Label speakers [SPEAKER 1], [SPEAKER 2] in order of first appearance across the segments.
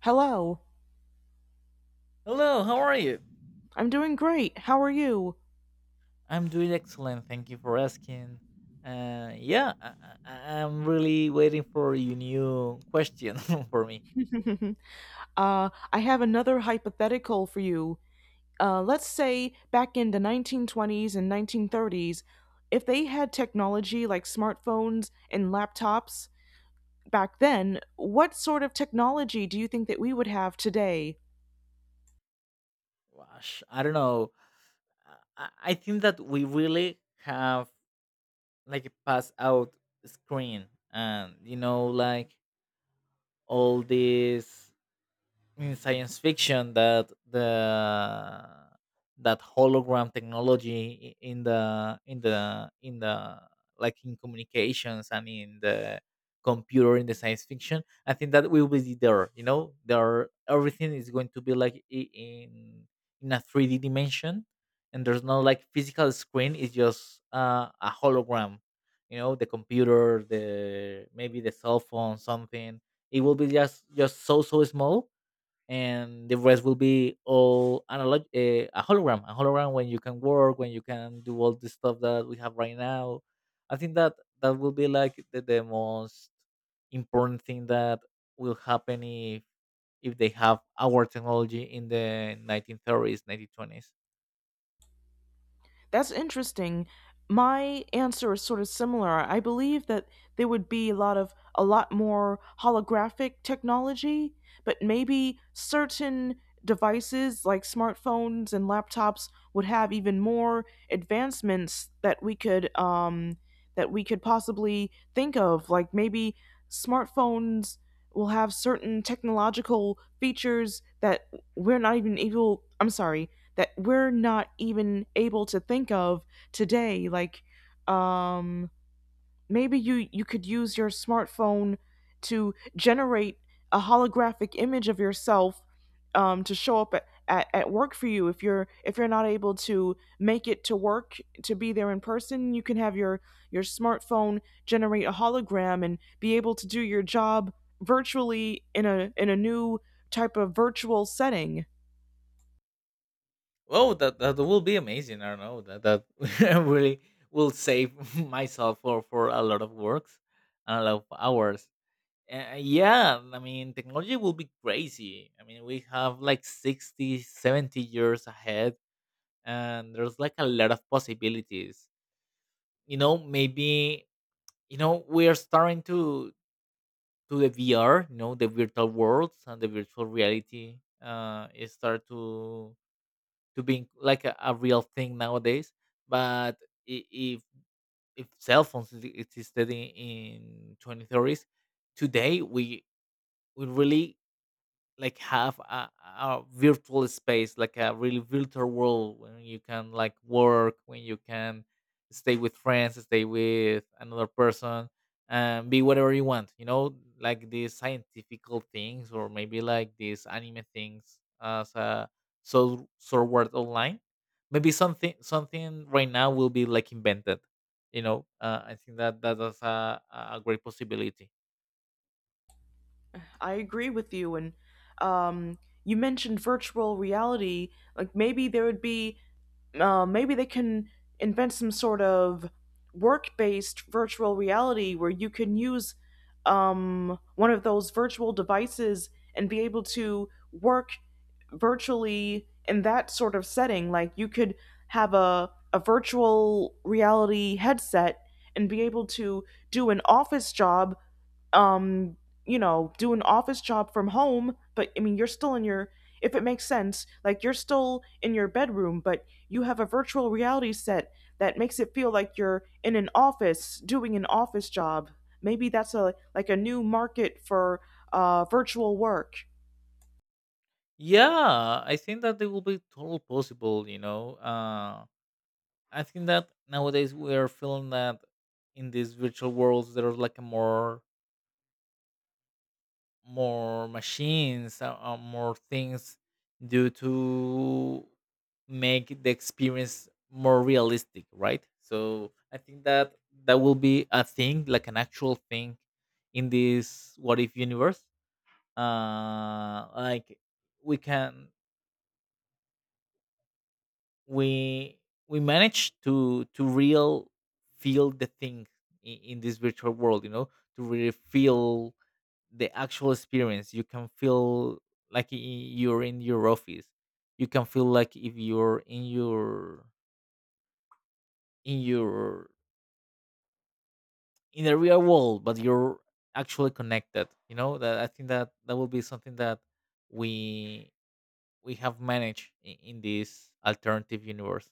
[SPEAKER 1] Hello.
[SPEAKER 2] Hello, how are you?
[SPEAKER 1] I'm doing great. How are you?
[SPEAKER 2] I'm doing excellent. Thank you for asking. Uh, yeah, I, I'm really waiting for your new question for me.
[SPEAKER 1] I have another hypothetical for you. Let's say back in the 1920s and 1930s, if they had technology like smartphones and laptops back then, what sort of technology do you think that we would have today?
[SPEAKER 2] Gosh, I don't know. I, I think that we really have like a pass out screen and like all these in science fiction that the that hologram technology in the like in communications and in the computer in the science fiction. I think that will be there. Everything is going to be like in a 3d dimension, and there's no like physical screen. It's just a hologram. You know, the computer, the maybe the cell phone, something, it will be just so small, and the rest will be all analog. A hologram, a hologram when you can work, when you can do all the stuff that we have right now. I think that that will be like the most important thing that will happen if they have our technology in the 1930s, 1920s.
[SPEAKER 1] That's interesting. My answer is sort of similar. I believe that there would be a lot more holographic technology, but maybe certain devices like smartphones and laptops would have even more advancements that we could possibly think of. Like maybe smartphones will have certain technological features that we're not even able. I'm sorry that we're not even able to think of today, like um maybe you could use your smartphone to generate a holographic image of yourself, um, to show up at, at work for you if you're not able to make it to work, to be there in person. You can have your smartphone generate a hologram and be able to do your job virtually in a new type of virtual setting.
[SPEAKER 2] Oh, that that will be amazing. I don't know that that really will save myself for a lot of works and a lot of hours. Yeah, I mean, technology will be crazy. I mean, we have like 60, 70 years ahead, and there's like a lot of possibilities. You know, maybe, we are starting to the VR, you know, the virtual worlds and the virtual reality is start to being like a real thing nowadays. But i- if if cell phones existed in 2030s, today we really like have a virtual space, like a really virtual world when you can like work, when you can stay with friends, stay with another person, and be whatever you want. You know, like these scientifical things, or maybe like these anime things as a so word online. Maybe something right now will be like invented. I think that that is a a great possibility.
[SPEAKER 1] I agree with you. And um, you mentioned virtual reality. Like maybe there would be, maybe they can invent some sort of work-based virtual reality where you can use, one of those virtual devices and be able to work virtually in that sort of setting. Like you could have a virtual reality headset and be able to do an office job, um, you know, do an office job from home. But I mean, you're still in your, if it makes sense, like you're still in your bedroom, but you have a virtual reality set that makes it feel like you're in an office doing an office job. Maybe that's a like a new market for, virtual work.
[SPEAKER 2] Yeah, I think that it will be totally possible, you know. I think that nowadays we are feeling that in these virtual worlds there are like a more more machines, more things due to make the experience more realistic, right? So I think that that will be a thing, like an actual thing in this what if universe. Like we can we we managed to real feel the thing in this virtual world. You know, to really feel the actual experience. You can feel like you're in your office. You can feel like if you're in your in the real world, but you're actually connected, you know. That I think that that will be something that we we have managed in this alternative universe.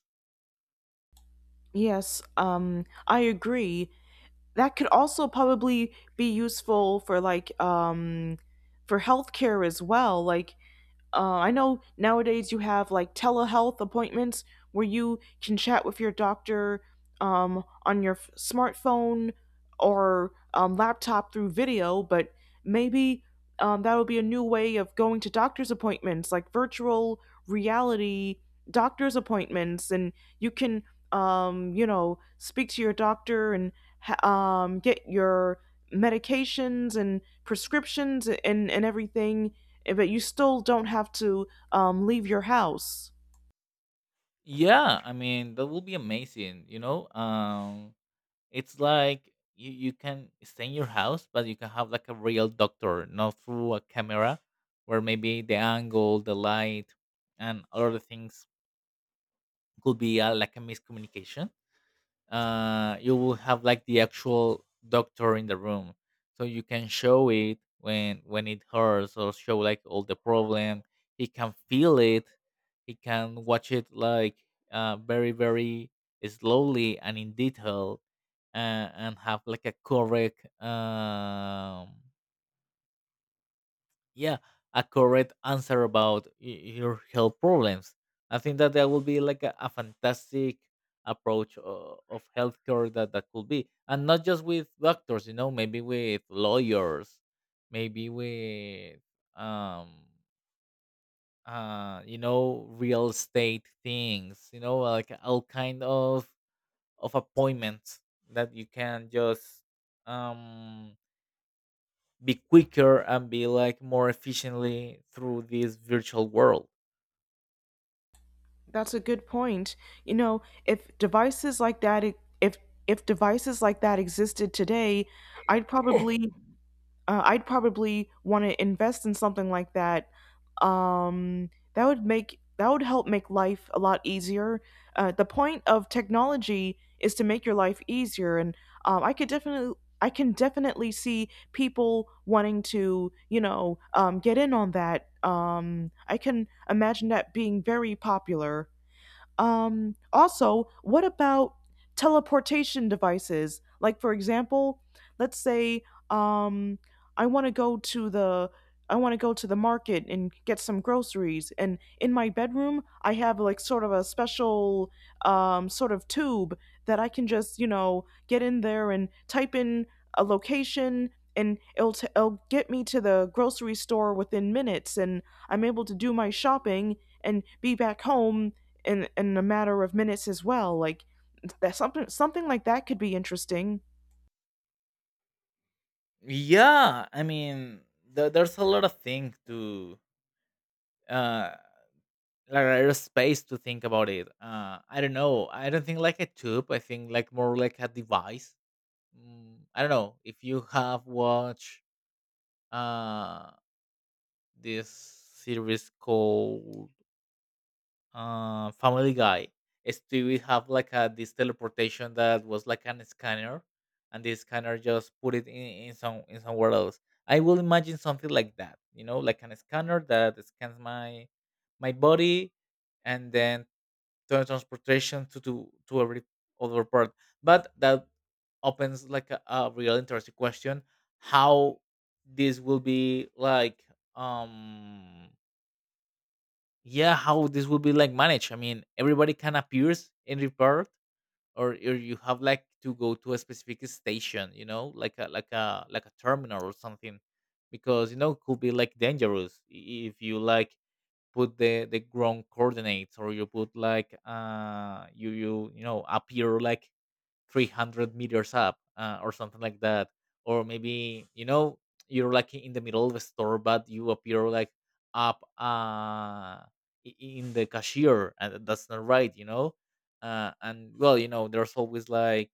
[SPEAKER 1] Yes, I agree. That could also probably be useful for, like, for healthcare as well. Like, I know nowadays you have like telehealth appointments where you can chat with your doctor, on your smartphone or, laptop through video. But maybe, that would be a new way of going to doctor's appointments, like virtual reality doctor's appointments, and you can, you know, speak to your doctor and get your medications and prescriptions and everything, but you still don't have to, leave your house.
[SPEAKER 2] Yeah, I mean that will be amazing. You know, it's like you can stay in your house, but you can have like a real doctor, not through a camera, where maybe the angle, the light, and other things could be like a miscommunication. You will have like the actual doctor in the room, so you can show it when it hurts, or show like all the problem. He can feel it. He can watch it like very slowly and in detail, uh, and have like a correct yeah, a correct answer about your health problems. I think that that would be like a fantastic approach of healthcare, that that could be. And not just with doctors, you know, maybe with lawyers, maybe with um you know, real estate things, you know, like all kind of appointments that you can just um be quicker and be like more efficiently through this virtual world.
[SPEAKER 1] That's a good point. You know, if devices like if if devices like that existed today, I'd probably I'd probably want to invest in something like that. That would make that would help make life a lot easier. The point of technology is to make your life easier, and, um, I could definitely I can definitely see people wanting to, you know, get in on that. I can imagine that being very popular. Also, what about teleportation devices? Like, for example, let's say, um, I want to go to the I want to go to the market and get some groceries. And in my bedroom, I have like sort of a special, sort of tube that I can just, you know, get in there and type in a location, and it'll get me to the grocery store within minutes. And I'm able to do my shopping and be back home in a matter of minutes as well. Like that something like that could be interesting.
[SPEAKER 2] Yeah, I mean, there's a lot of things to uh, like there's space to think about it. I don't know. I don't think like a tube. I think like more like a device. I don't know if you have watched uh this series called Family Guy. Stewie have like a this teleportation that was like an scanner, and the scanner just put it in some in somewhere else. I will imagine something like that, you know, like an scanner that scans my my body, and then turn transportation to every other part. But that opens like a real interesting question: how this will be like um yeah, how this will be like managed. I mean, everybody can appears and report, or you have like to go to a specific station, you know, like a like a terminal or something, because you know it could be like dangerous if you like put the ground coordinates, or you put like you know, appear like 300 meters up, or something like that. Or maybe you know you're like in the middle of the store, but you appear like up in the cashier, and that's not right, you know. And well, you know, there's always like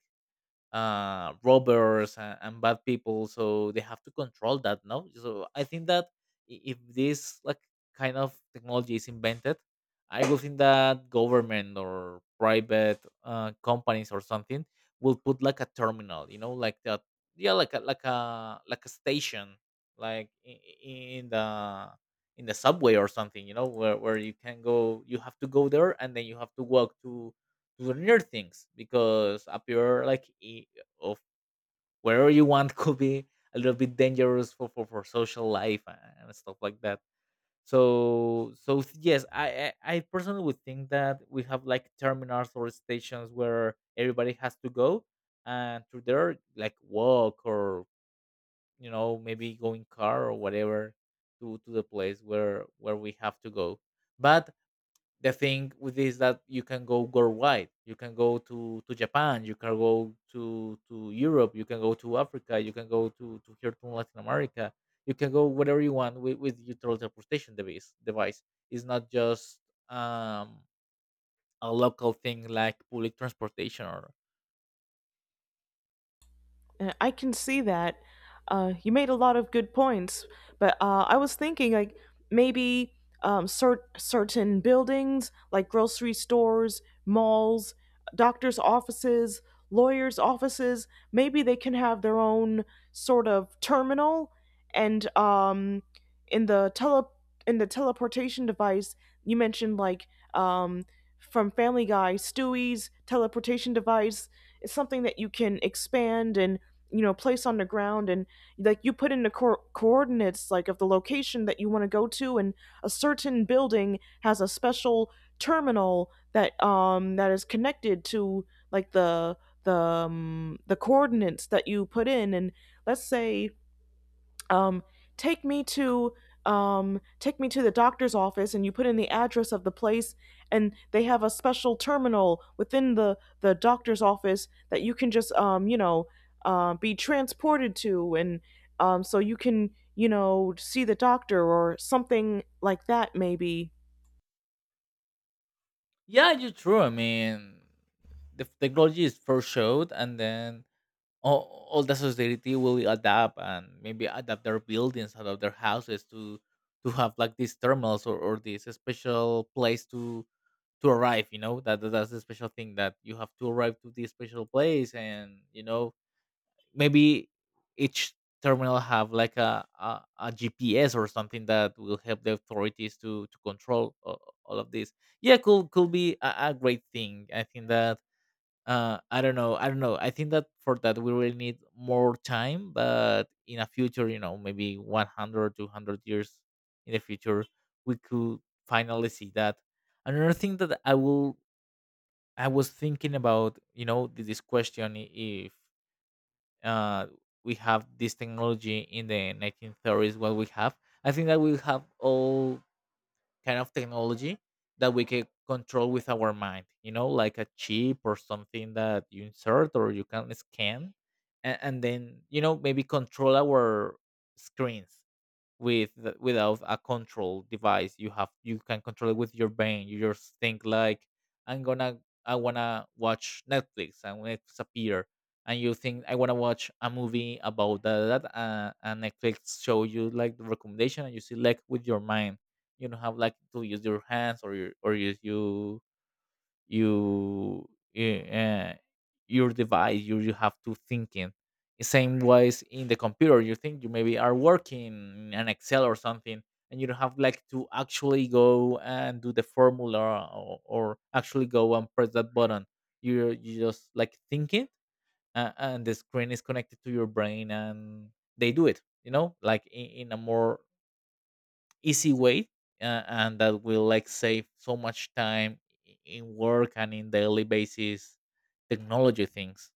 [SPEAKER 2] robbers and bad people, so they have to control that, no? So I think that if this like kind of technology is invented, I would think that government or private companies or something will put like a terminal, you know, like that. Yeah, like a like a station, like in the in the subway or something, you know, where you can go. You have to go there, and then you have to walk to learn things, because up here, like I- of wherever you want could be a little bit dangerous for social life and stuff like that. So yes, I personally would think that we have like terminals or stations where everybody has to go, and through there like walk, or you know, maybe go in car or whatever, to the place where we have to go. But the thing with is that you can go worldwide. You can go to Japan. You can go to Europe. You can go to Africa. You can go to here to Latin America. You can go whatever you want with your teleportation device. Device, it's not just um, a local thing like public transportation or
[SPEAKER 1] I can see that. You made a lot of good points, but, I was thinking like maybe, certain buildings, like grocery stores, malls, doctors' offices, lawyers' offices. Maybe they can have their own sort of terminal, and, in the tele in the teleportation device you mentioned, like, um, from Family Guy, Stewie's teleportation device is something that you can expand and, you know, place on the ground, and like you put in the coordinates, like, of the location that you want to go to. And a certain building has a special terminal that that is connected to the the coordinates that you put in. And let's say, um, take me to take me to the doctor's office, and you put in the address of the place, and they have a special terminal within the doctor's office that you can just, you know, be transported to. And, so you can, you know, see the doctor or something like that maybe.
[SPEAKER 2] yeah, you're true. I mean, the technology is first showed, and then all the society will adapt, and maybe adapt their buildings, adapt their houses to have like these thermals, or this special place to arrive. You know, that that's the special thing that you have to arrive to this special place, and you know maybe each terminal have like GPS or something that will help the authorities to control all of this. Yeah, could be a great thing. I think that I don't know I don't know I think that for that we will need more time, but in a future, you know, maybe 100 or 200 years in the future we could finally see that. Another thing that I will I was thinking about, you know, this question I- if uh we have this technology in the 1930s, what we have, I think that we have all kind of technology that we can control with our mind, you know, like a chip or something that you insert or you can scan, and then, you know, maybe control our screens with without a control device. You have, you can control it with your brain. You just think like, I'm gonna I wanna watch Netflix, and Netflix appear. And you think, I wanna watch a movie about that, and Netflix show you like the recommendation, and you select with your mind. You don't have like to use your hands or your or use you uh, your device. You have to thinking same ways in the computer. You think you maybe are working in an Excel or something, and you don't have like to actually go and do the formula, or actually go and press that button. You just like thinking, and the screen is connected to your brain, and they do it, you know, like in a more easy way, and that will like save so much time in work and in daily basis technology things.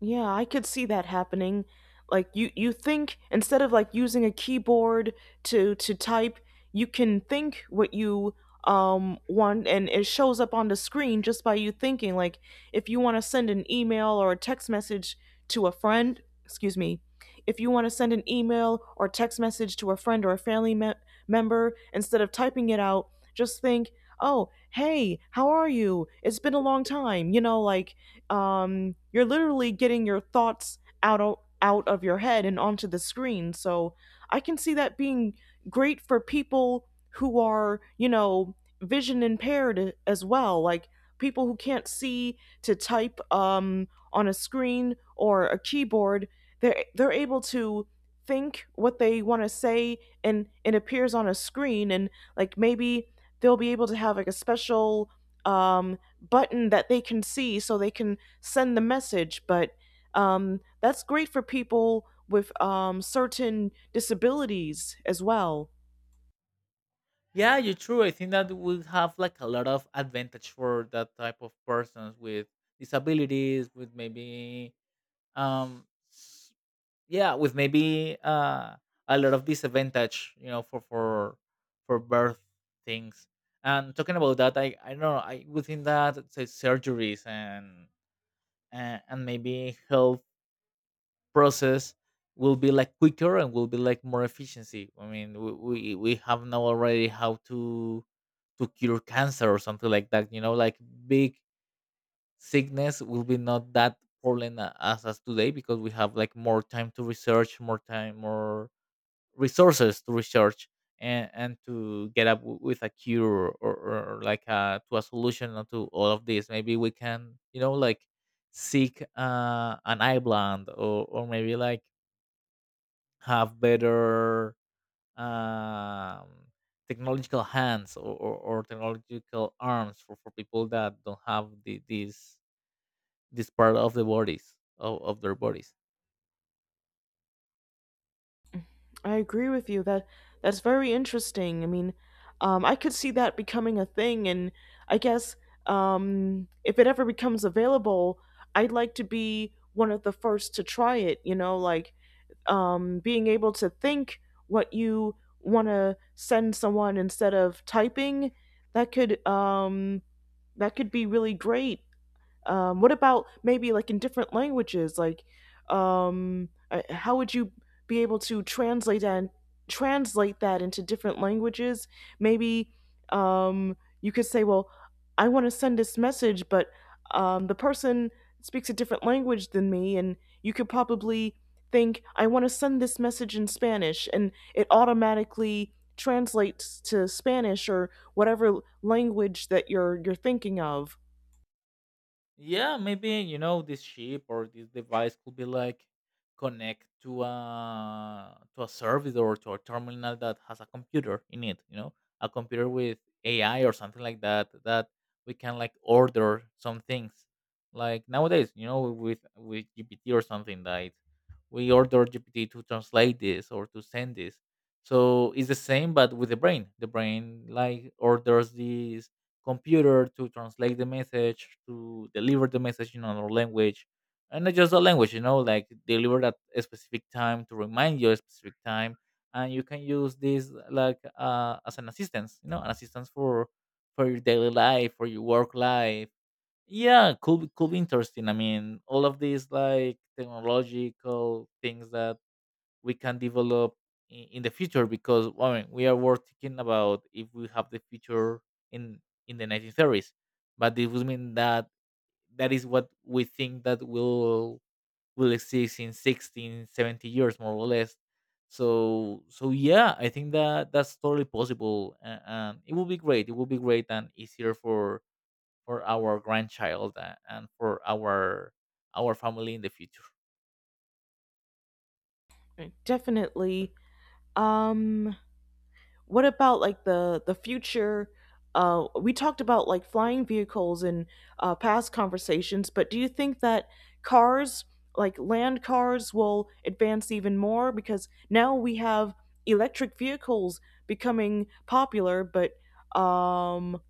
[SPEAKER 1] Yeah, I could see that happening. Like you think instead of like using a keyboard to type, you can think what you, um, want, and it shows up on the screen just by you thinking. Like if you want to send an email or a text message to a friend, excuse me, if you want to send an email or text message to a friend or a family member, instead of typing it out, just think, "Oh, hey, how are you? It's been a long time." You know, like, you're literally getting your thoughts out of your head and onto the screen. So I can see that being great for people who are, you know, vision impaired as well, like people who can't see to type, on a screen or a keyboard. They're able to think what they want to say, and it appears on a screen. And like, maybe they'll be able to have like a special, um, button that they can see so they can send the message. But, that's great for people with, certain disabilities as well.
[SPEAKER 2] Yeah, you're true. I think that we have like a lot of advantage for that type of persons with disabilities, with maybe um s- yeah, with maybe a lot of disadvantage, you know, for birth things. And talking about that, I don't know, I within that say surgeries and maybe health process will be like quicker and will be like more efficiency. I mean, we have now already how to cure cancer or something like that, you know, like big sickness will be not that problem as today, because we have like more time to research, more time, more resources to research, and to get up with a cure or like to a solution to all of this. Maybe we can, you know, like seek an island, or maybe like have better, um, technological hands, or technological arms for people that don't have this part of the bodies of their bodies.
[SPEAKER 1] I agree with you that that's very interesting. I mean, I could see that becoming a thing. And I guess, if it ever becomes available, I'd like to be one of the first to try it. You know, like, being able to think what you want to send someone instead of typing, that could, that could be really great. Um, what about maybe like in different languages? Like, how would you be able to translate that into different languages? Maybe, you could say, well, I want to send this message, but, the person speaks a different language than me, and you could probably think, I want to send this message in Spanish, and it automatically translates to Spanish or whatever language that you're thinking of.
[SPEAKER 2] Yeah, maybe, you know, this chip or this device could be like connect to a service or to a terminal that has a computer in it. You know, a computer with AI or something like that that we can like order some things. Like nowadays, you know, with GPT or something like, we order GPT to translate this or to send this. So it's the same, but with the brain. The brain like orders these computer to translate the message, to deliver the message in another language, and not just the language, you know, like delivered at a specific time, to remind you a specific time, and you can use this like as an assistance, you know, an assistance for your daily life, for your work life. Yeah, could be interesting. I mean, all of these like technological things that we can develop in the future, because, well, I mean, we are working about if we have the future in in the 1930s, but this would mean that that is what we think that will exist in 16 70 years, more or less. So yeah, I think that that's totally possible, and it will be great, and easier for our grandchild, and for our family in the future.
[SPEAKER 1] Right. Definitely. Um, what about like the future? We talked about like flying vehicles in, past conversations. But do you think that cars, like land cars, will advance even more? Because now we have electric vehicles becoming popular. But, um,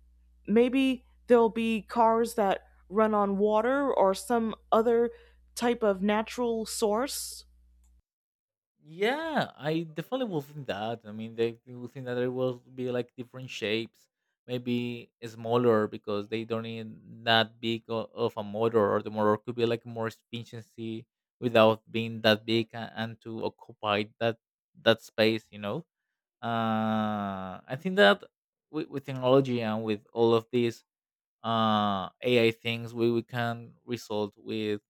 [SPEAKER 1] maybe there'll be cars that run on water or some other type of natural source?
[SPEAKER 2] Yeah, I definitely will think that. I mean, they will think that there will be like different shapes, maybe smaller, because they don't need that big of a motor, or the motor could be like more efficiency without being that big, and to occupy that space. You know, I think that with technology and with all of these AI things, we can result with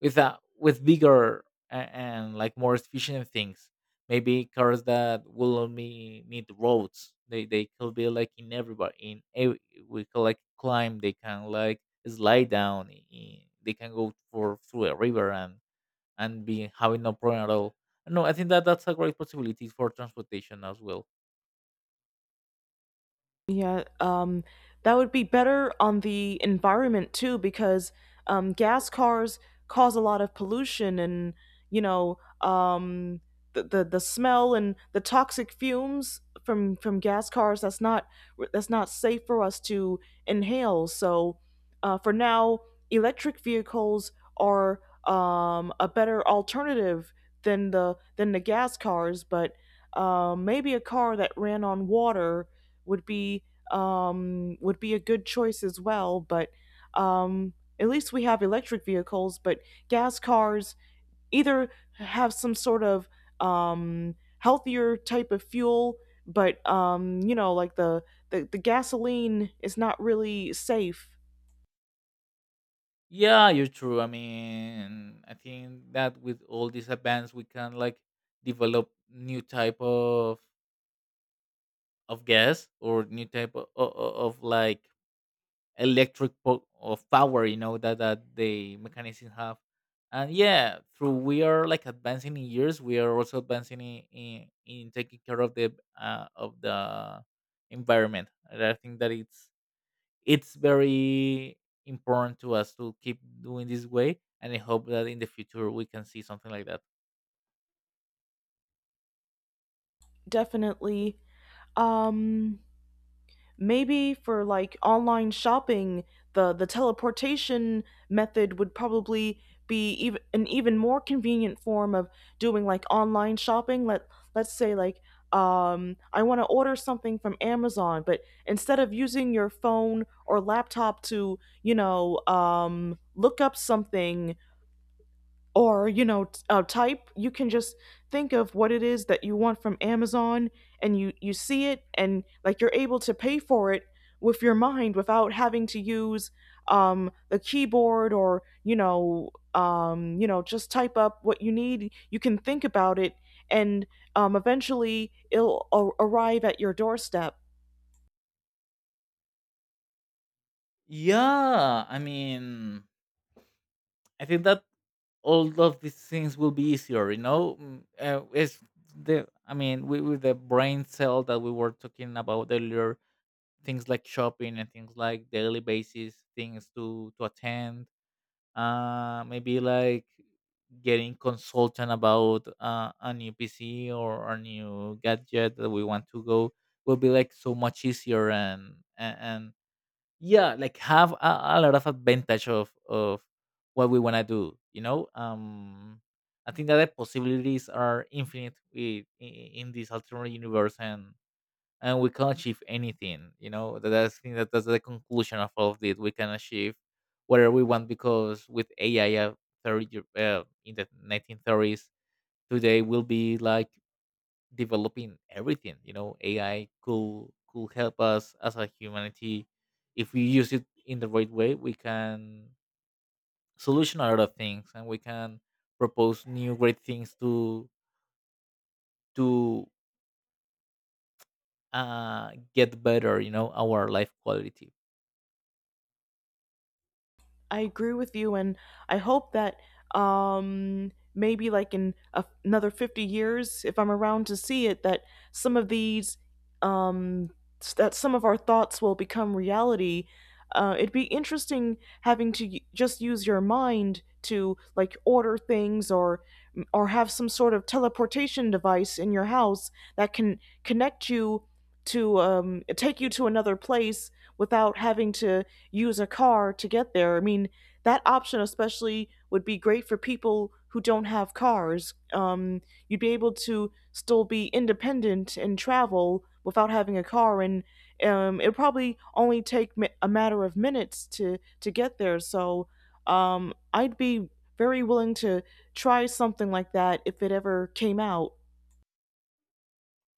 [SPEAKER 2] with a with bigger and like more efficient things. Maybe cars that will only need roads. They could be like in everybody in we could like climb. They can like slide down. They can go for through a river and be having no problem at all. No, I think that that's a great possibility for transportation as well.
[SPEAKER 1] Yeah, that would be better on the environment too, because, gas cars cause a lot of pollution. And, you know, the smell and the toxic fumes from gas cars. That's not safe for us to inhale. So, for now, electric vehicles are, a better alternative than the gas cars. But, uh, maybe a car that ran on water would be, would be a good choice as well. But, um, at least we have electric vehicles. But gas cars either have some sort of, healthier type of fuel, but, you know, like, the, the gasoline is not really safe.
[SPEAKER 2] Yeah, you're true. I mean, I think that with all these advance, we can like develop new type of gas or new type of like electric, of power, you know, that the mechanism have. And yeah, through we are like advancing in years, we are also advancing in taking care of the, uh, of the environment, and I think that it's very important to us to keep doing this way, and I hope that in the future we can see something like that.
[SPEAKER 1] Definitely. Um, maybe for like online shopping, the teleportation method would probably be even an even more convenient form of doing like online shopping. Let's say, like, I want to order something from Amazon. But instead of using your phone or laptop to, you know, look up something, or, you know, type, you can just think of what it is that you want from amazon, and you see it. And like, you're able to pay for it with your mind without having to use, um, the keyboard. Or, you know, um, you know, just type up what you need. You can think about it, and, um, eventually it'll arrive at your doorstep.
[SPEAKER 2] Yeah, I mean, I think that all of these things will be easier, you know. Mm. I mean, with the brain cell that we were talking about earlier, things like shopping and things like daily basis, things to attend. Maybe like getting consultant about a new PC or a new gadget that we want to go will be like so much easier, and yeah, like have a lot of advantage of what we want to do. I think that the possibilities are infinite in this alternate universe, and we can achieve anything, you know, that- that's think that that's the conclusion of all of this. We can achieve whatever we want, because with AI, in the 1930s, today will be like developing everything, you know. AI could help us as a humanity. If we use it in the right way, we can solution a lot of things, and we can propose new great things to get better, you know, our life quality.
[SPEAKER 1] I agree with you, and I hope that, maybe like in a, another 50 years, if I'm around to see it, that some of these, um, that some of our thoughts will become reality. It'd be interesting having to just use your mind to like order things, or, mm, or have some sort of teleportation device in your house that can connect you to, take you to another place without having to use a car to get there. I mean, that option especially would be great for people who don't have cars. You'd be able to still be independent and travel without having a car. And, it'd probably only take a matter of minutes to get there. So, I'd be very willing to try something like that if it ever came out.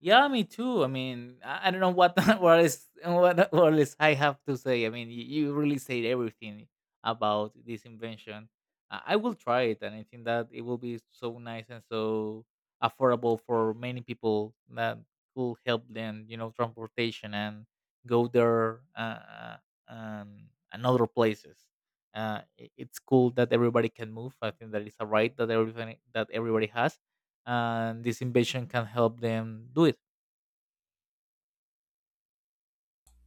[SPEAKER 2] Yeah, me too. I mean, I don't know what what is I have to say. I mean, you really said everything about this invention. I will try it, and I think that it will be so nice and so affordable for many people, that will help them, you know, transportation and go there, and other places. It's cool that everybody can move. I think that it's a right that everything that everybody has, and this invention can help them do it.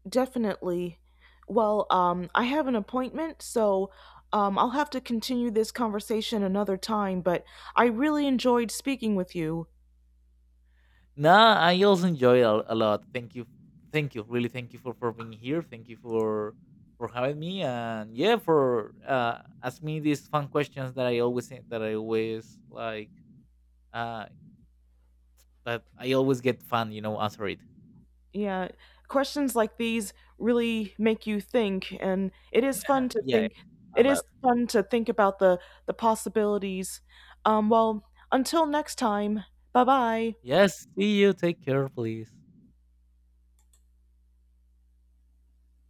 [SPEAKER 1] Definitely. Well, I have an appointment, so, I'll have to continue this conversation another time. But I really enjoyed speaking with you.
[SPEAKER 2] No, I also enjoy it a lot. Thank you, really, thank you for being here. Thank you for having me, and yeah, for asking me these fun questions that I always uh that I always get fun, you know, answer it.
[SPEAKER 1] Yeah, questions like these really make you think, and it is fun to
[SPEAKER 2] Yeah,
[SPEAKER 1] think.
[SPEAKER 2] a
[SPEAKER 1] It
[SPEAKER 2] lot.
[SPEAKER 1] is fun to think about the possibilities. Well, until next time, bye bye.
[SPEAKER 2] Yes, see you. Take care, please.